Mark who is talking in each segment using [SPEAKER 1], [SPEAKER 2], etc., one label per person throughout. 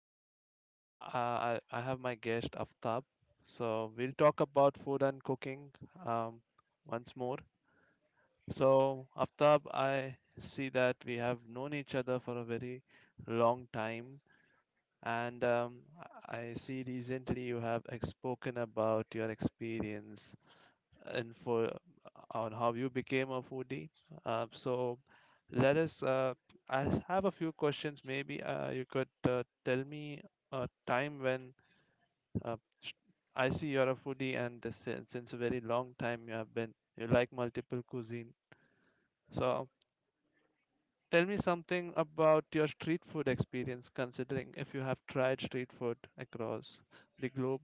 [SPEAKER 1] I have my guest Aftab. So we'll talk about food and cooking um, once more. So Aftab, I see that we have known each other for a very long time, and I see recently you have spoken about your experience and for on how you became a foodie. So let us. I have a few questions. Maybe you could tell me a time when uh, sh- I see you're a foodie, and since a very long time you have been you like multiple cuisine. So tell me something about your street food experience, considering if you have tried street food across the globe.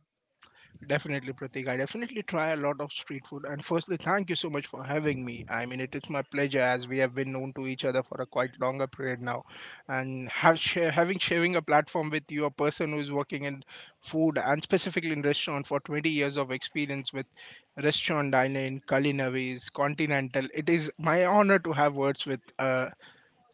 [SPEAKER 2] Definitely, Pratik. I definitely try a lot of street food. And firstly, thank you so much for having me. I mean, it is my pleasure as we have been known to each other for a quite longer period now. And have share, having sharing a platform with you, a person who is working in food and specifically in restaurant for 20 years of experience with restaurant dining, culinaries, continental. It is my honor to have words with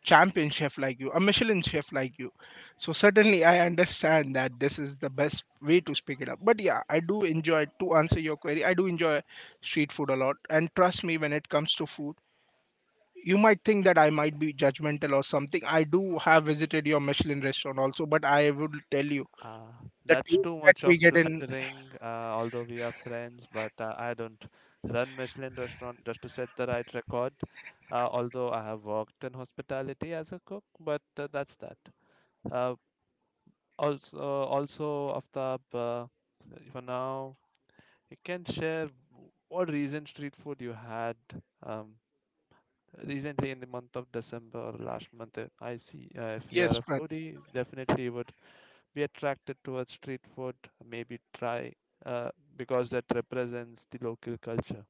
[SPEAKER 2] champion chef like you, a Michelin chef like you. So certainly I understand that this is the best way to speak it up. But yeah, I do enjoy to answer your query. I do enjoy street food a lot. And trust me, when it comes to food, you might think that I might be judgmental or something. I do have visited your Michelin restaurant also, but I will tell you
[SPEAKER 1] Uh,
[SPEAKER 2] the
[SPEAKER 1] that's
[SPEAKER 2] taste
[SPEAKER 1] too
[SPEAKER 2] that
[SPEAKER 1] much
[SPEAKER 2] we
[SPEAKER 1] of
[SPEAKER 2] get in
[SPEAKER 1] flattering, although we are friends, but I don't run Michelin restaurant just to set the right record. Although I have worked in hospitality as a cook, but that's that. Uh, also, Aftab, for now, you can share what recent street food you had um, recently in the month of December or last month. I see if you are
[SPEAKER 2] yes,
[SPEAKER 1] a
[SPEAKER 2] Prat,
[SPEAKER 1] foodie, definitely you would we are attracted towards street food, maybe try uh, because that represents the local culture.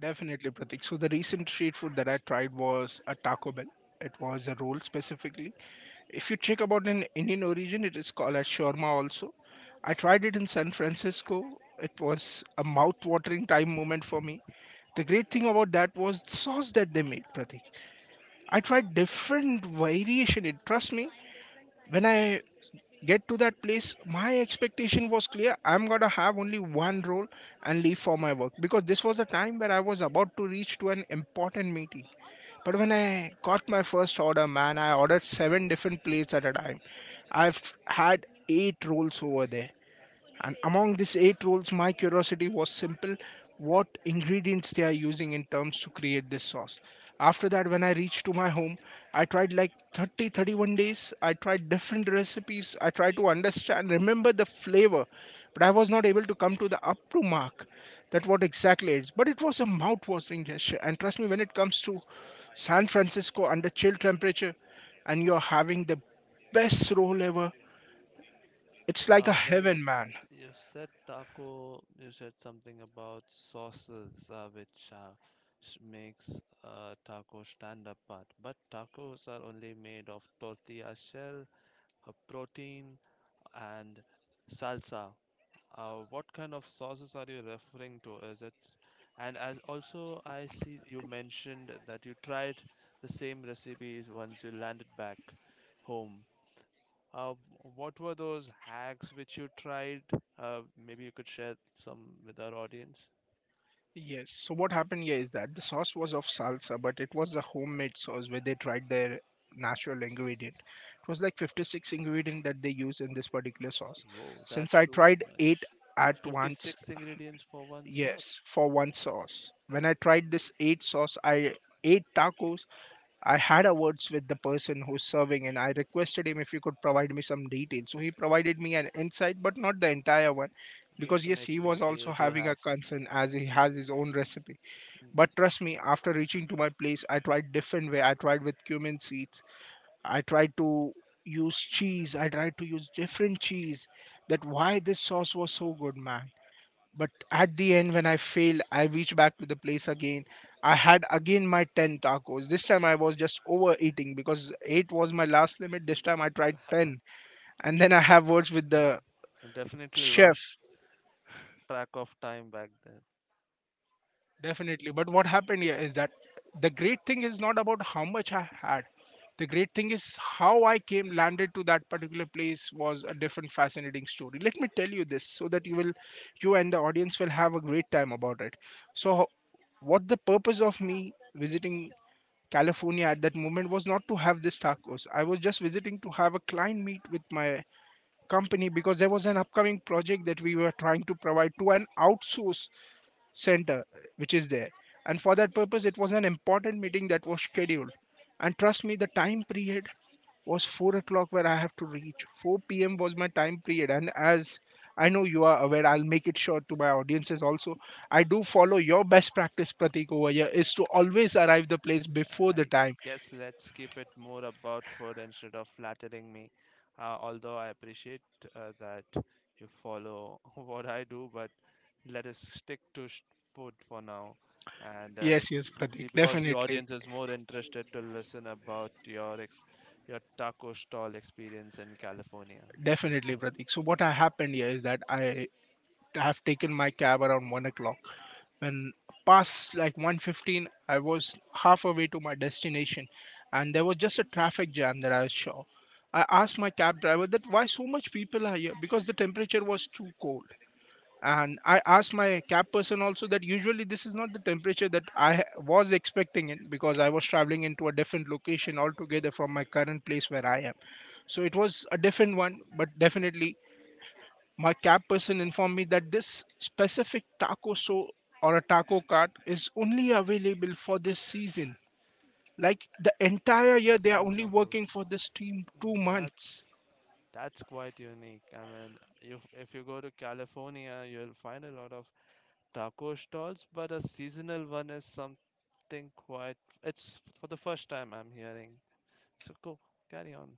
[SPEAKER 2] definitely Pratik. So the recent street food that I tried was a Taco Bell. It was a roll specifically. If you check about an Indian origin, it is called as shawarma also. I tried it in San Francisco. It was a mouth-watering time moment for me. The great thing about that was the sauce that they made, Pratik. I tried different variation. It trust me, when I get to that place, my expectation was clear. I'm gonna have only one roll and leave for my work because this was a time where I was about to reach to an important meeting. But when I got my first order, man, I ordered seven different plates at a time. I've had eight rolls over there. And among these eight rolls, my curiosity was simple, what ingredients they are using in terms to create this sauce. After that, when I reached to my home, I tried like 30, 31 days. I tried different recipes. I tried to understand, remember the flavor, but I was not able to come to the up to mark that what
[SPEAKER 1] Okay.
[SPEAKER 2] exactly it is. But it was a mouth-watering gesture. And trust me, when it comes to San Francisco under chill temperature and you're having the best roll ever, it's like a
[SPEAKER 1] Well,
[SPEAKER 2] heaven, man.
[SPEAKER 1] you said taco, you said something about sauces, which makes taco stand apart. But tacos are only made of tortilla shell, a protein, and salsa. What kind of sauces are you referring to? And as also I see you mentioned that you tried the same recipes once you landed back home. Uh, what were those hacks which you tried? Maybe you could share some with our audience.
[SPEAKER 2] Yes. So what happened here is that the sauce was of salsa, but it was a homemade sauce where they tried their natural ingredient. It was like 56 ingredient that they used in this particular sauce.
[SPEAKER 1] Whoa,
[SPEAKER 2] Since
[SPEAKER 1] that's
[SPEAKER 2] I
[SPEAKER 1] too
[SPEAKER 2] tried eight
[SPEAKER 1] much.
[SPEAKER 2] at once,
[SPEAKER 1] 56 ingredients for one
[SPEAKER 2] yes,
[SPEAKER 1] sauce.
[SPEAKER 2] for one sauce. When I tried this eight sauce, I ate tacos. I had a words with the person who's serving and I requested him if he could provide me some details. So he provided me an insight, but not the entire one. Because yes, he
[SPEAKER 1] Definitely,
[SPEAKER 2] was also
[SPEAKER 1] they do
[SPEAKER 2] having a
[SPEAKER 1] have.
[SPEAKER 2] concern as he has his own recipe. But
[SPEAKER 1] Mm,
[SPEAKER 2] trust me, after
[SPEAKER 1] uh,
[SPEAKER 2] reaching to my place, I tried different way. I tried with cumin seeds. I tried to use cheese. I tried to use different cheese. That why this sauce was so good, man. But at the end, when I failed, I reached back to the place again. I had again my 10 tacos. This time I was just overeating because 8 was my last limit. This time I tried 10. And then I have words with
[SPEAKER 1] yeah.
[SPEAKER 2] the
[SPEAKER 1] I definitely
[SPEAKER 2] chef.
[SPEAKER 1] lost track of time back then.
[SPEAKER 2] Definitely. But what happened here is that the great thing is not about how much I had. The great thing is how I came, landed to that particular place was a different fascinating story. Let me tell you this so that you will, you and the audience will have a great time about it. So, what the purpose of me visiting California at that moment was not to have this tacos. I was just visiting to have a client meet with my company because there was an upcoming project that we were trying to provide to an outsource center which is there, and for that purpose it was an important meeting that was scheduled. And trust me, the time period was 4 o'clock where I have to reach. 4 p.m was my time period, and as I know you are aware, I'll make it sure to my audiences also, I do follow your best practice, Pratik. Over here is to always arrive the place before the
[SPEAKER 1] I
[SPEAKER 2] time.
[SPEAKER 1] guess let's keep it more about food instead of flattering me. Although I appreciate that you follow what I do, but let us stick to food for now. And uh,
[SPEAKER 2] Yes, yes,
[SPEAKER 1] the,
[SPEAKER 2] Pratik,
[SPEAKER 1] because the
[SPEAKER 2] definitely.
[SPEAKER 1] audience is more interested to listen about your taco stall experience in California.
[SPEAKER 2] Definitely Pratik, so what happened here is that I have taken my cab around 1 o'clock. When past like 115, I was half away to my destination and there was just a traffic jam that I saw. I asked my cab driver that why so much people are here because the temperature was too cold. And I asked my cab person also that usually this is not the temperature that I was expecting it because I was traveling into a different location altogether from my current place where I am. So it was a different one, but definitely my cab person informed me that this specific taco show or a taco cart is only available for this season. Like the entire year, they are
[SPEAKER 1] Seasonal
[SPEAKER 2] only
[SPEAKER 1] tacos.
[SPEAKER 2] working for this team two
[SPEAKER 1] Mm,
[SPEAKER 2] months.
[SPEAKER 1] That's that's quite unique. I mean, you, if you go to California, you'll find a lot of taco stalls, but a seasonal one is something quite. It's for the first time I'm hearing. So carry on.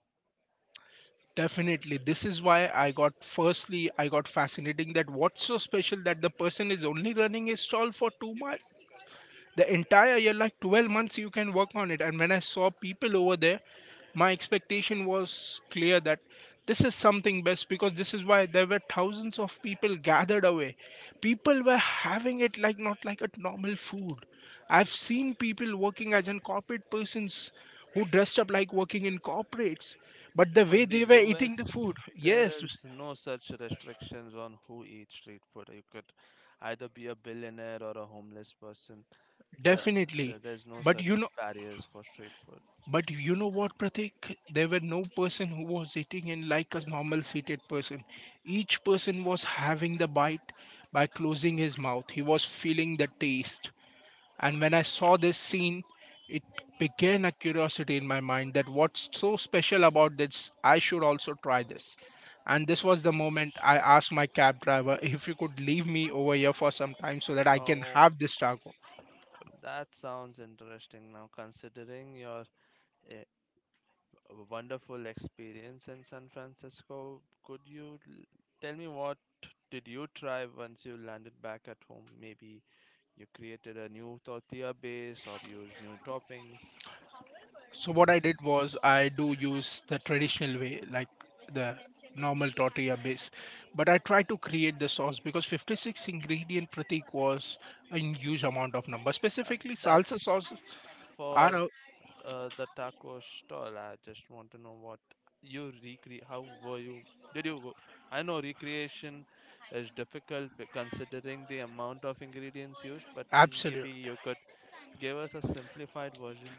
[SPEAKER 2] Definitely, this is why I got firstly, I got fascinating that what's so special that the person is only running a stall for 2 months. The entire year like 12 months you can work on it, and when I saw people over there, my expectation was clear that this is something best because this is why there were thousands of people gathered away. People were having it like not like a normal food. I've seen people working as in corporate persons, who dressed up like working in corporates, but the
[SPEAKER 1] Oh,
[SPEAKER 2] way
[SPEAKER 1] in the
[SPEAKER 2] they were eating the food,
[SPEAKER 1] US, there
[SPEAKER 2] yes,
[SPEAKER 1] is no such restrictions on who eats street food. You could either be a billionaire or a homeless person. There,
[SPEAKER 2] definitely.
[SPEAKER 1] there there's no
[SPEAKER 2] But
[SPEAKER 1] such
[SPEAKER 2] you know,
[SPEAKER 1] barriers for street food.
[SPEAKER 2] but you know what, Pratik? There were no person who was eating in like a normal seated person. Each person was having the bite by closing his mouth. He was feeling the taste. And when I saw this scene, it began a curiosity in my mind that what's so special about this? I should also try this. And this was the moment I
[SPEAKER 1] Understood.
[SPEAKER 2] asked my cab driver if he could leave me over here for some time so that I can
[SPEAKER 1] So
[SPEAKER 2] have this taco.
[SPEAKER 1] that sounds interesting now, considering your uh, a wonderful experience in San Francisco. Tell me what did you try once you landed back at home? Maybe you created a new tortilla base or used new toppings.
[SPEAKER 2] So what I did was I do use the traditional way, like the normal tortilla base, but I try to create the sauce because 56 ingredient Pratik was a huge amount of number.
[SPEAKER 1] Uh,
[SPEAKER 2] Specifically, salsa
[SPEAKER 1] that's f-
[SPEAKER 2] sauces
[SPEAKER 1] for
[SPEAKER 2] are a
[SPEAKER 1] uh, the taco stall. I just want to know what you recreate. How were you? Did you? wo- I know recreation is difficult considering the amount of ingredients used, but
[SPEAKER 2] absolute.
[SPEAKER 1] maybe you could give us a simplified version.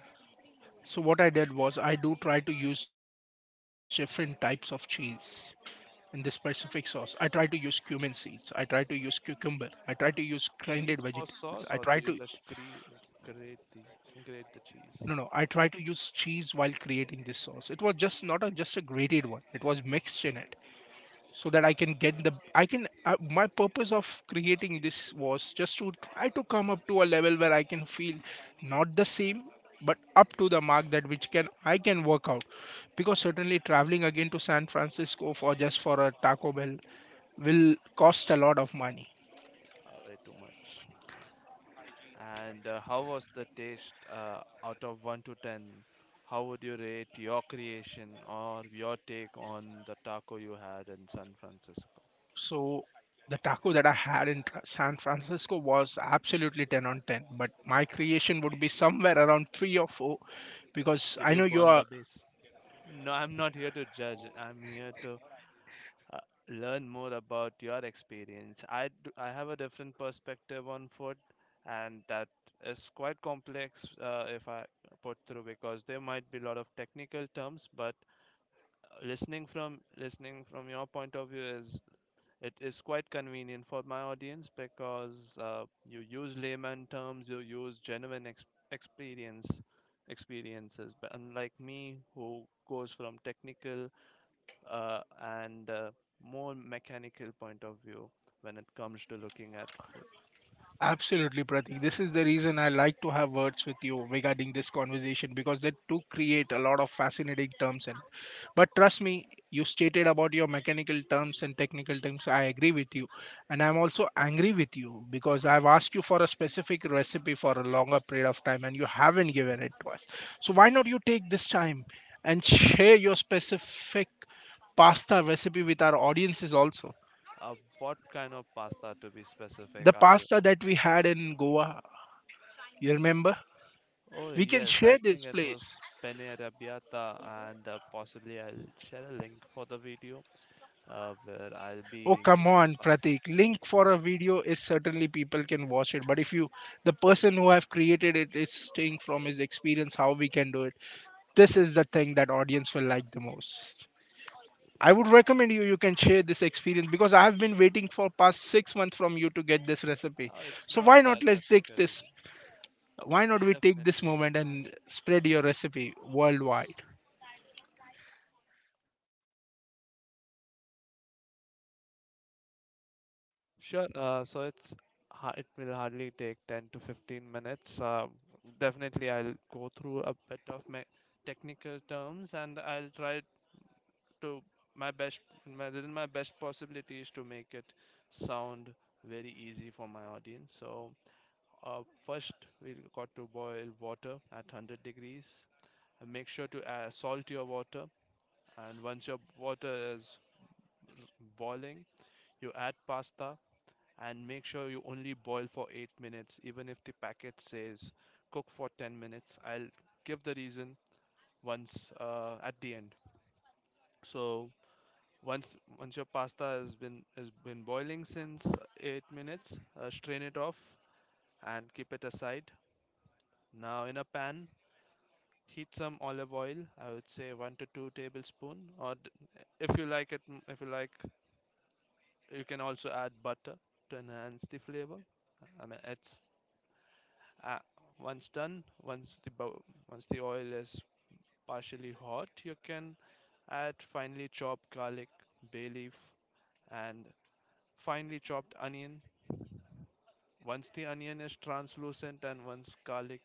[SPEAKER 2] So what I did was I do try to use different types of cheese in this specific sauce. I try to use cumin seeds. I try to use cucumber. I try to use grinded vegetables. I
[SPEAKER 1] Cheese for
[SPEAKER 2] try to
[SPEAKER 1] sauce, or do you just grate the
[SPEAKER 2] no, no.
[SPEAKER 1] cheese?
[SPEAKER 2] I tried to use cheese while creating this sauce. It was just not a just a grated one. It was mixed in it so that I can get the I can my purpose of creating this was just to try to come up to a level where I can feel not the same but up to the mark that which can I can work out because certainly traveling again to San Francisco for just for a Taco Bell will cost a lot of money.
[SPEAKER 1] Way too much. And how was the taste? Out of one to ten, how would you rate your creation or your take on the taco you had in San Francisco?
[SPEAKER 2] So the taco that I had in San Francisco was absolutely 10 on 10, but my creation would be somewhere around 3 or 4 because
[SPEAKER 1] Did
[SPEAKER 2] I
[SPEAKER 1] you
[SPEAKER 2] know you
[SPEAKER 1] burn
[SPEAKER 2] are
[SPEAKER 1] the base? No, I'm not here to judge. I'm here to uh, learn more about your experience. I have a different perspective on food, and that is quite complex if I put through because there might be a lot of technical terms. But listening from your point of view is it is quite convenient for my audience because you use layman terms, you use genuine experience experiences. But unlike me, who goes from technical and more mechanical point of view when it comes to looking at food.
[SPEAKER 2] absolutely, Pratik. This is the reason I like to have words with you regarding this conversation because they do create a lot of fascinating terms. And but trust me, you stated about your mechanical terms and technical terms. I agree with you, and I'm also angry with you because I've asked you for a specific recipe for a longer period of time and you haven't given it to us. So why not you take this time and share your specific pasta recipe with our audiences also?
[SPEAKER 1] What kind of pasta to be specific
[SPEAKER 2] The
[SPEAKER 1] are you?
[SPEAKER 2] pasta that we had in Goa, you remember?
[SPEAKER 1] Oh
[SPEAKER 2] We can
[SPEAKER 1] yes, I
[SPEAKER 2] share
[SPEAKER 1] think
[SPEAKER 2] this
[SPEAKER 1] it
[SPEAKER 2] place.
[SPEAKER 1] was penne arrabbiata and possibly I'll share a link for the video where I'll
[SPEAKER 2] Oh
[SPEAKER 1] be
[SPEAKER 2] come
[SPEAKER 1] making
[SPEAKER 2] on,
[SPEAKER 1] pasta.
[SPEAKER 2] Pratik. Link for a video is certainly people can watch it. But if you the person who have created it is staying from his experience how we can do it. This is the thing that audience will like the most. I would recommend you, you can share this experience because I have been waiting for past 6 months from you to get this recipe.
[SPEAKER 1] Oh, it's
[SPEAKER 2] So
[SPEAKER 1] not
[SPEAKER 2] why
[SPEAKER 1] that
[SPEAKER 2] not let's take
[SPEAKER 1] difficult.
[SPEAKER 2] this, why
[SPEAKER 1] Oh,
[SPEAKER 2] not we take this
[SPEAKER 1] definitely.
[SPEAKER 2] moment and spread your recipe worldwide?
[SPEAKER 1] Sure. It will hardly take 10 to 15 minutes. Definitely, I'll go through a bit of my technical terms and I'll try to within my best possibilities to make it sound very easy for my audience. So uh, first, we got to boil water at 100 degrees. And make sure to add salt your water, and once your water is r- boiling, you add pasta and make sure you only boil for 8 minutes even if the packet says cook for 10 minutes. I'll give the reason once at the end. So once your pasta has been boiling since 8 minutes, strain it off and keep it aside. Now in a pan, heat some olive oil. I would say 1 to 2 tablespoon, if you like it if you like you can also add butter to enhance the flavor. I mean it's Uh, Once done, once the oil is partially hot, you can add finely chopped garlic, bay leaf, and finely chopped onion. Once the onion is translucent and once garlic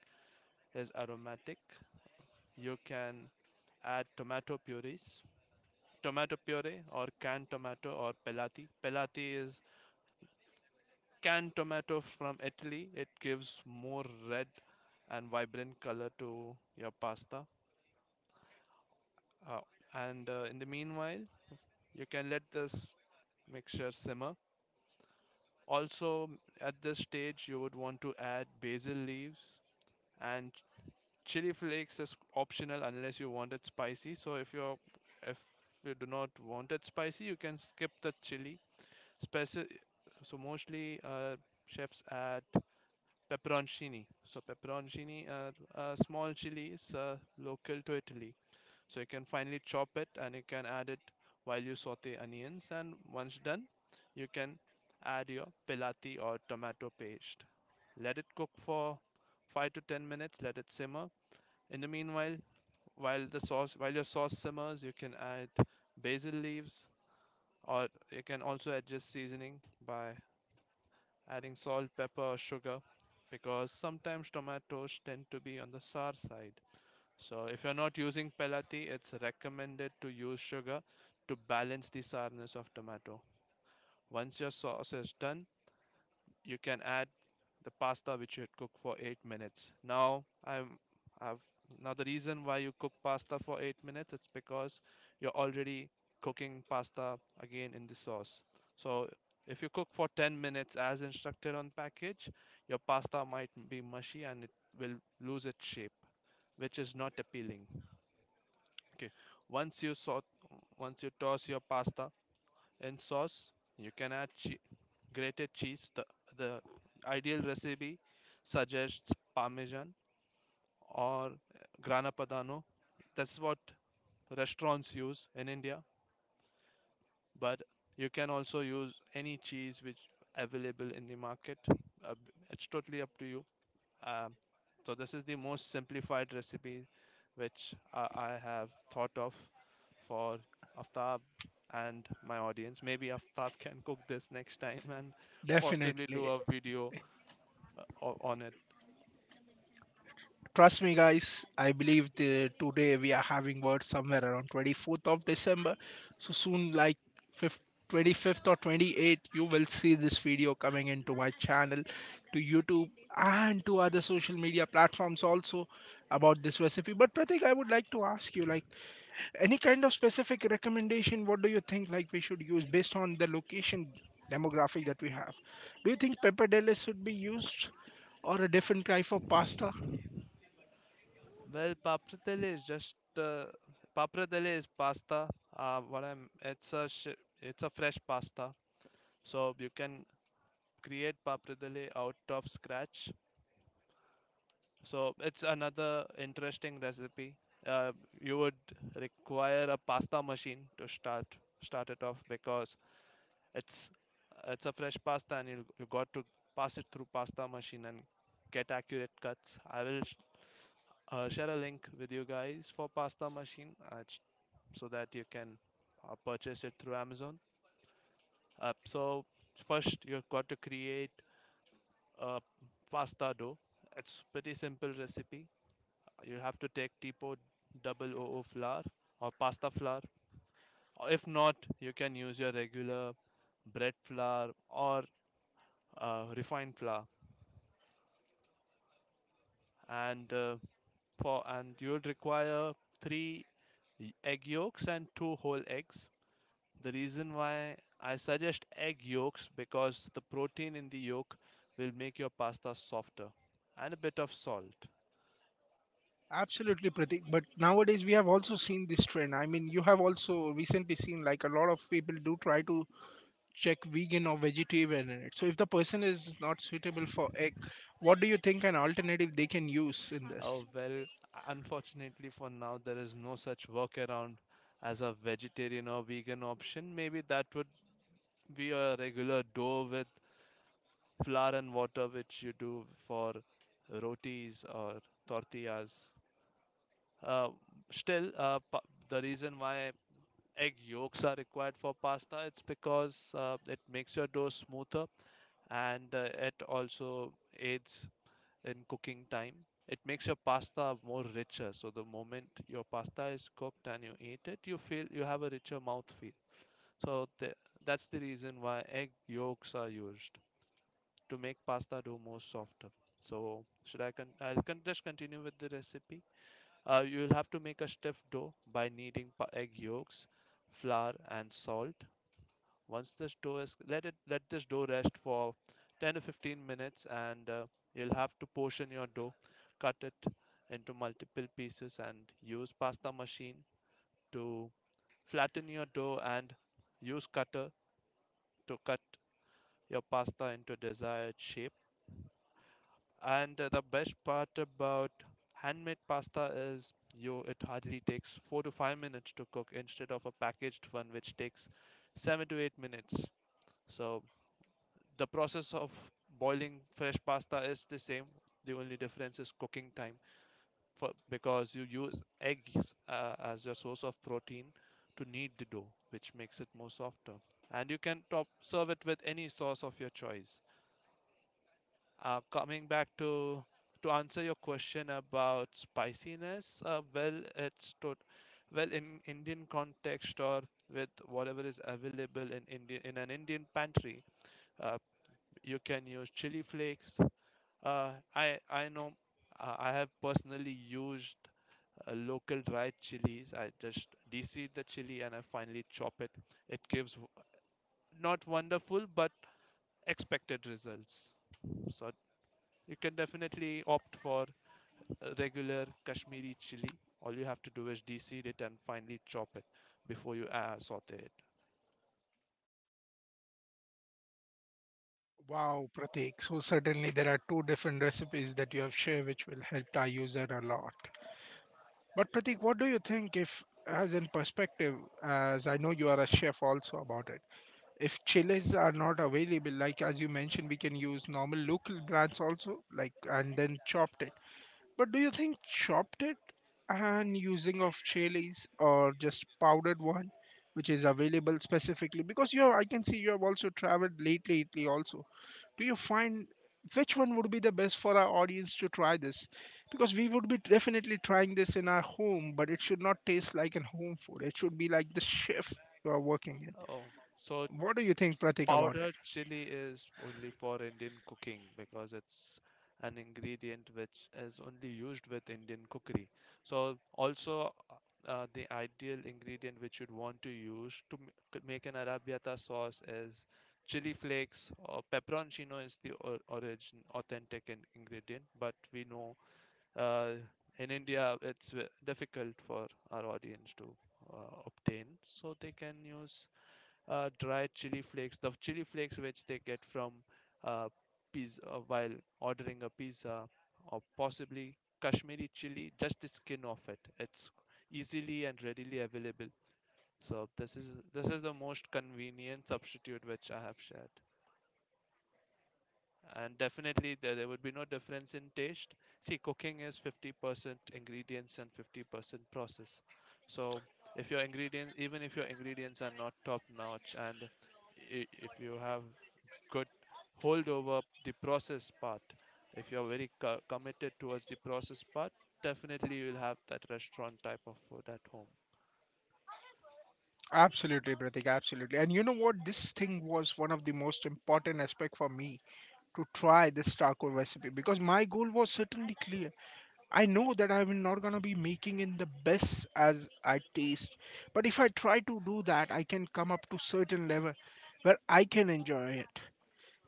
[SPEAKER 1] is aromatic, you can add tomato purees. Tomato puree or canned tomato or pelati. Pelati is canned tomato from Italy. It gives more red and vibrant color to your pasta. Uh, and In the meanwhile, you can let this mixture simmer. Also, at this stage, you would want to add basil leaves, and chili flakes is optional unless you want it spicy. So if you do not want it spicy, you can skip the chili. Speci- so mostly chefs add pepperoncini. So pepperoncini are small chilies local to Italy. So you can finally chop it and you can add it while you saute onions, and once done, you can add your pelati or tomato paste. Let it cook for 5 to 10 minutes, let it simmer. In the meanwhile, while your sauce simmers, you can add basil leaves, or you can also adjust seasoning by adding salt, pepper or sugar because sometimes tomatoes tend to be on the sour side. So if you're not using pelati, it's recommended to use sugar to balance the sourness of tomato. Once your sauce is done, you can add the pasta which you had cooked for 8 minutes. Now I'm I've now the reason why you cook pasta for 8 minutes, it's because you're already cooking pasta again in the sauce. So if you cook for 10 minutes as instructed on package, your pasta might be mushy and it will lose its shape, which is not appealing. Okay, once you saute, once you toss your pasta in sauce, you can add grated cheese. The ideal recipe suggests parmesan or grana padano. That's what restaurants use in India, but you can also use any cheese which available in the market. It's totally up to you. Um, so this is the most simplified recipe which I have thought of for Aftab and my audience. Maybe Aftab can cook this next time and possibly do
[SPEAKER 2] Definitely.
[SPEAKER 1] a video on it.
[SPEAKER 2] Trust me, guys. I believe the, today we are having words somewhere around 24th of December. So soon, like 5th, 25th or 28th, you will see this video coming into my channel, to YouTube, and to other social media platforms also about this recipe. But Pratik, I would like to ask you, like, any kind of specific recommendation? What do you think, like, we should use based on the location demographic that we have? Do you think pappardelle should be used or a different type of pasta?
[SPEAKER 1] Well, papradelle is just papradelle is pasta. What I'm it's a sh- It's a fresh pasta, so you can create papradelle out of scratch. So it's another interesting recipe. Uh, you would require a pasta machine to start it off because it's it's a fresh pasta and you got to pass it through pasta machine and get accurate cuts. I will share a link with you guys for pasta machine, so that you can purchase it through Amazon. So first you've got to create a pasta dough. It's pretty simple recipe. You have to take Tipo double O O flour or pasta flour. Or if not, you can use your regular bread flour or refined flour. And uh, and you'll require three egg yolks and two whole eggs. The reason why I suggest egg yolks because the protein in the yolk will make your pasta softer. And a bit of salt.
[SPEAKER 2] Absolutely, Pratik. But nowadays we have also seen this trend. You have also recently seen, like, a lot of people do try to check vegan or vegetarian in it. So if the person is not suitable for egg, what do you think an alternative they can use in
[SPEAKER 1] Uh,
[SPEAKER 2] this?
[SPEAKER 1] well, Unfortunately for now, there is no such workaround as a vegetarian or vegan option. Maybe that would be a regular dough with flour and water, which you do for rotis or tortillas. Uh, still, the reason why egg yolks are required for pasta, it's because it makes your dough smoother, and it also aids in cooking time. It makes your pasta more richer. So the moment your pasta is cooked and you eat it, you feel you have a richer mouth feel. So the, that's the reason why egg yolks are used to make pasta dough more softer. Just continue with the recipe. You'll have to make a stiff dough by kneading egg yolks, flour, and salt. Once this dough is let it let this dough rest for 10 to 15 minutes, and you'll have to portion your dough, cut it into multiple pieces, and use pasta machine to flatten your dough and use cutter to cut your pasta into desired shape. And the best part about handmade pasta is you it hardly takes 4 to 5 minutes to cook instead of a packaged one which takes 7 to 8 minutes. So the process of boiling fresh pasta is the same. The only difference is cooking time for because you use eggs as your source of protein to knead the dough, which makes it more softer, and you can top serve it with any sauce of your choice. Coming back to answer your question about spiciness, well, in indian context or with whatever is available in indian in an indian pantry, uh, you can use chili flakes. I know, I have personally used local dried chilies. I just deseed the chili and I finally chop it. It gives not wonderful but expected results. So you can definitely opt for a regular Kashmiri chili. All you have to do is deseed it and finely chop it before you saute it.
[SPEAKER 2] Wow, Pratik. So certainly there are two different recipes that you have shared which will help our user a lot. But Pratik, what do you think if, as in perspective, as I know you are a chef also about it. If chillers are not available, like as you mentioned, we can use normal local brands also, like, and then chopped it. But do you think chopped it and using of chilies, or just powdered one, which is available specifically? Because you have, I can see you have also traveled late lately, also. Do you find which one would be the best for our audience to try this? Because we would be definitely trying this in our home, but it should not taste like a home food. It should be like the chef you are working
[SPEAKER 1] Oh, so
[SPEAKER 2] in. What do you think, Pratik, about it?
[SPEAKER 1] Powdered chili is only for Indian cooking because it's an ingredient which is only used with Indian cookery. So also the ideal ingredient which you'd want to use to to make an arrabbiata sauce is chili flakes, or pepperoncino is the origin authentic ingredient, but we know uh, in India it's difficult for our audience to obtain, so they can use dry chili flakes, the chili flakes which they get from uh, pizza while ordering a pizza, or possibly Kashmiri chili, just the skin of it. It's easily and readily available. So this is the most convenient substitute which I have shared. And definitely there would be no difference in taste. See, cooking is 50% ingredients and 50% process. So if your ingredient, even if your ingredients are not top notch, and if you have could hold over the process part. If you're very committed towards the process part, definitely you'll have that restaurant type of food at home.
[SPEAKER 2] Absolutely, Pratik, absolutely. And you know what? This thing was one of the most important aspect for me to try this charcoal recipe, because my goal was certainly clear. I know that I'm not gonna be making it the best as I taste, but if I try to do that, I can come up to certain level where I can enjoy it,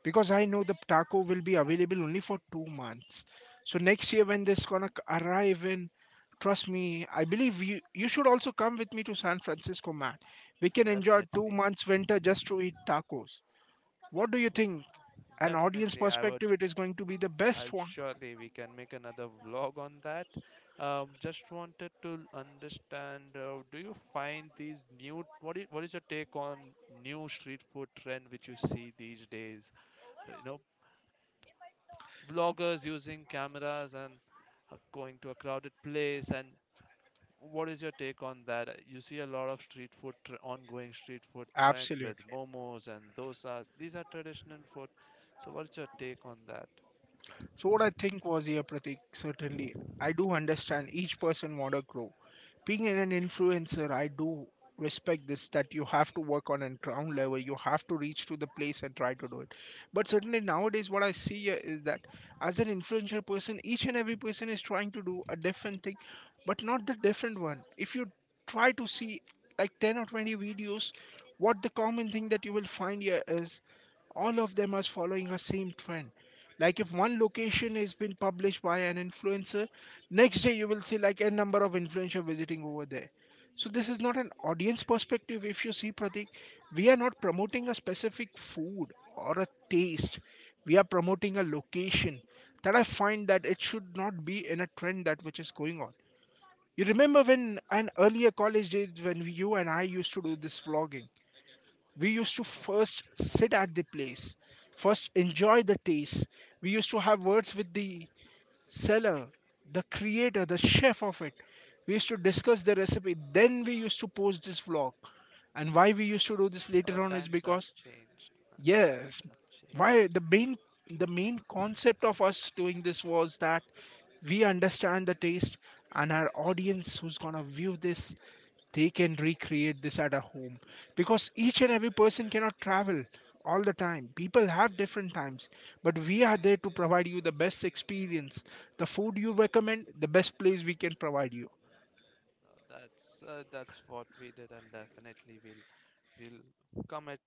[SPEAKER 2] because I know the taco will be available only for 2 months. So next year when this gonna arrive in, trust me, I believe you should also come with me to San Francisco, man. We can enjoy two
[SPEAKER 1] Definitely.
[SPEAKER 2] months winter just to eat tacos. What do you think? An audience
[SPEAKER 1] Definitely, I would.
[SPEAKER 2] perspective, it is going to be the
[SPEAKER 1] I'll
[SPEAKER 2] best one.
[SPEAKER 1] surely we can make another vlog on that. Just wanted to understand, do you find these new? What is your take on new street food trend which you see these days? You know, vloggers using cameras and going to a crowded place and what is your take on that? You see a lot of street food, tr ongoing street food trend with
[SPEAKER 2] Absolutely.
[SPEAKER 1] momos and dosas. These are traditional food. So what's your take on that?
[SPEAKER 2] So what I think was here, Pratik, certainly, I do understand each person want to grow. Being an influencer, I do respect this, that you have to work on a ground level, you have to reach to the place and try to do it. But certainly nowadays, what I see here is that as an influential person, each and every person is trying to do a different thing, but not the different one. If you try to see like 10 or 20 videos, what the common thing that you will find here is, all of them are following a same trend. Like if one location has been published by an influencer, next day you will see like a number of influencer visiting over there. So this is not an audience perspective. If you see, Pratik, we are not promoting a specific food or a taste, we are promoting a location. That I find that it should not be in a trend that which is going on. You remember when an earlier college days, when you and I used to do this vlogging, we used to
[SPEAKER 1] Oh,
[SPEAKER 2] first
[SPEAKER 1] kind
[SPEAKER 2] sit at the place, first enjoy the taste. We used to have words with the seller, the creator, the chef of it. We used to discuss the recipe, then we used to post this vlog. And why we used to do this
[SPEAKER 1] of.
[SPEAKER 2] later on is
[SPEAKER 1] Times have
[SPEAKER 2] because,
[SPEAKER 1] changed, man. Times
[SPEAKER 2] yes,
[SPEAKER 1] have
[SPEAKER 2] why
[SPEAKER 1] changed.
[SPEAKER 2] the main, the main concept of us doing this was that we understand the taste, and our audience who's gonna view this, they can recreate this at a home. Because each and every person cannot travel all the time, people have different times, but we are there to provide you the best experience, the food you recommend, the best place we can provide you.
[SPEAKER 1] That's what we did, and definitely we'll commit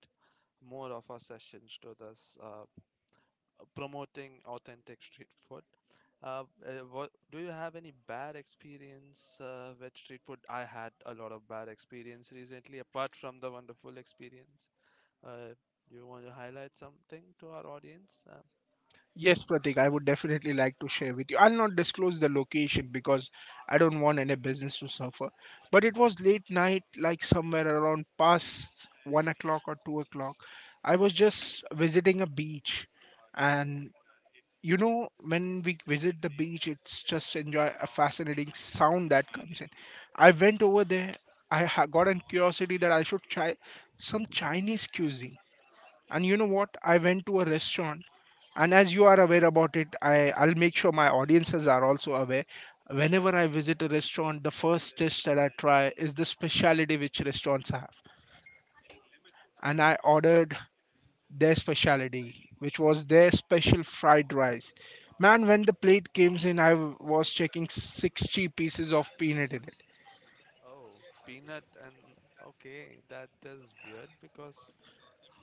[SPEAKER 1] more of our sessions to this. Promoting authentic street food. What do you have any bad experience with street food? I had a lot of bad experience recently, apart from the wonderful experience. Uh, you want to highlight something to our audience?
[SPEAKER 2] Yes, Pratik, I would definitely like to share with you. I'll not disclose the location because I don't want any business to suffer. But it was late night, like somewhere around past 1 o'clock or 2 o'clock. I was just visiting a beach, and, you know, when we visit the beach, it's just enjoy a fascinating sound that comes in. I went over there. I got a curiosity that I should try some Chinese cuisine. And you know what? I went to a restaurant, and as you are aware about it, I'll make sure my audiences are also aware. Whenever I visit a restaurant, the first dish that I try is the speciality which restaurants have. And I
[SPEAKER 1] Okay.
[SPEAKER 2] ordered their speciality, which was their special fried rice. Man, when the plate came in, I was checking 60 pieces of peanut in it.
[SPEAKER 1] Oh, peanut and okay, that is weird because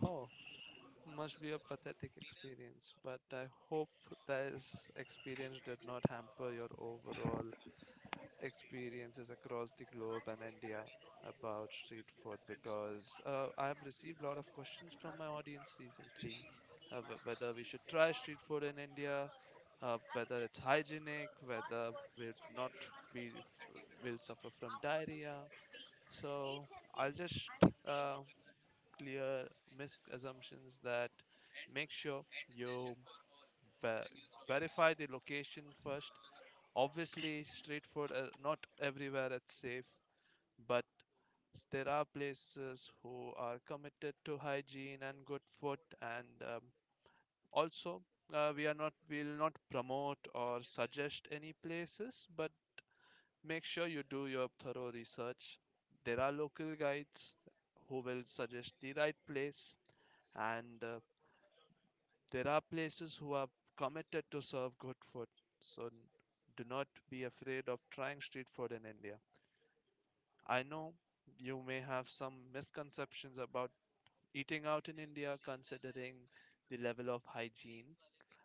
[SPEAKER 1] oh, must be a pathetic experience. But I hope this experience did not hamper your overall experiences across the globe and India about street food, because I have received a lot of questions from my audience recently, whether we should try street food in India, whether it's hygienic, whether we're not we will suffer from diarrhea. So I'll just uh, clear misassumptions that make sure you ver- verify the location first. Obviously, street food, not everywhere it's safe, but there are places who are committed to hygiene and good food, and also we are not will not promote or suggest any places, but make sure you do your thorough research. There are local guides who will suggest the right place, and there are places who are committed to serve good food. So n- do not be afraid of trying street food in India. I know you may have some misconceptions about eating out in India considering the level of hygiene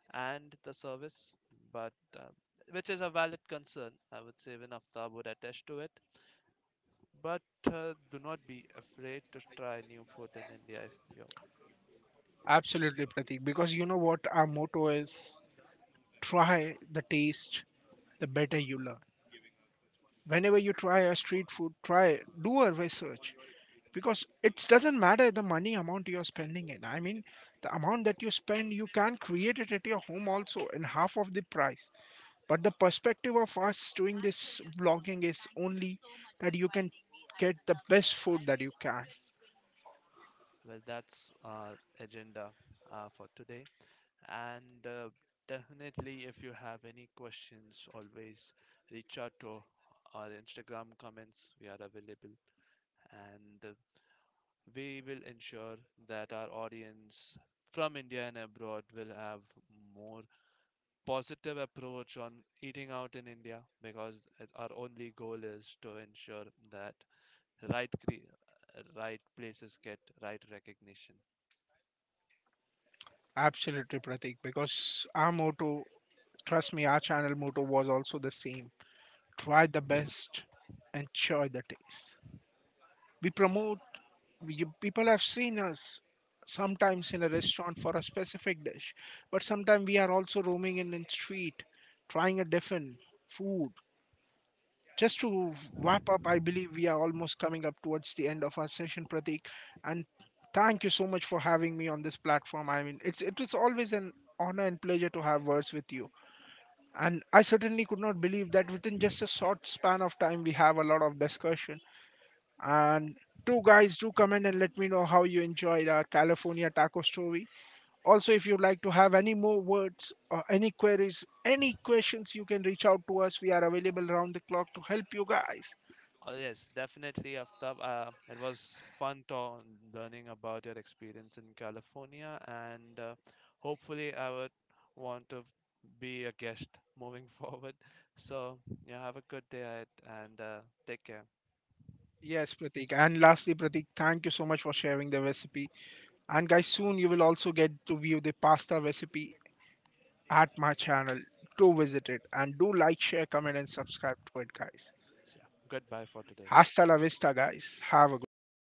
[SPEAKER 1] and the service, but which is a valid concern. I would say even Aftab would attest to it. But do not be afraid to try new food in India if you.
[SPEAKER 2] Absolutely, Pratik, because you know what our motto is? Try the taste, the better you learn. Whenever you try a street food, try, do a research. Because it doesn't matter the money amount you're spending it. I mean, the amount that you spend you can create it at your home also in half of the price. But the perspective of us doing this vlogging is only that you can get the best food that you can.
[SPEAKER 1] Well, that's our agenda for today. And definitely, if you have any questions, always reach out to our Instagram comments. We are available, and we will ensure that our audience from India and abroad will have more positive approach on eating out in India, because our only goal is to ensure that right places get right recognition.
[SPEAKER 2] Absolutely, Pratik, because our motto, trust me, our channel motto was also the same. Try the best, enjoy the taste. We promote you, people have seen us sometimes in a restaurant for a specific dish, but sometimes we are also roaming in the street, trying a different food. Just to wrap up, I believe we are almost coming up towards the end of our session, Pratik. And thank you so much for having me on this platform. It's it was always an honor and pleasure to have words with you. And I certainly could not believe that within just a short span of time, we have a lot of discussion. And two guys, do comment and let me know how you enjoyed our California taco story. Also, if you'd like to have any more words or any queries, any questions, you can reach out to us. We are available around the clock to help you guys.
[SPEAKER 1] Oh, yes, definitely, Aftab. It was fun learning about your experience in California, and hopefully, I would want to be a guest moving forward. So, yeah, have a good day ahead, and take care.
[SPEAKER 2] Yes, Pratik. And lastly, Pratik, thank you so much for sharing the recipe. And guys,
[SPEAKER 1] Uh,
[SPEAKER 2] soon you will also get to view the pasta recipe at my channel. Do visit it and do like, share, comment, and subscribe to it, guys.
[SPEAKER 1] yeah, goodbye for today.
[SPEAKER 2] Hasta la vista, guys. Have a great day.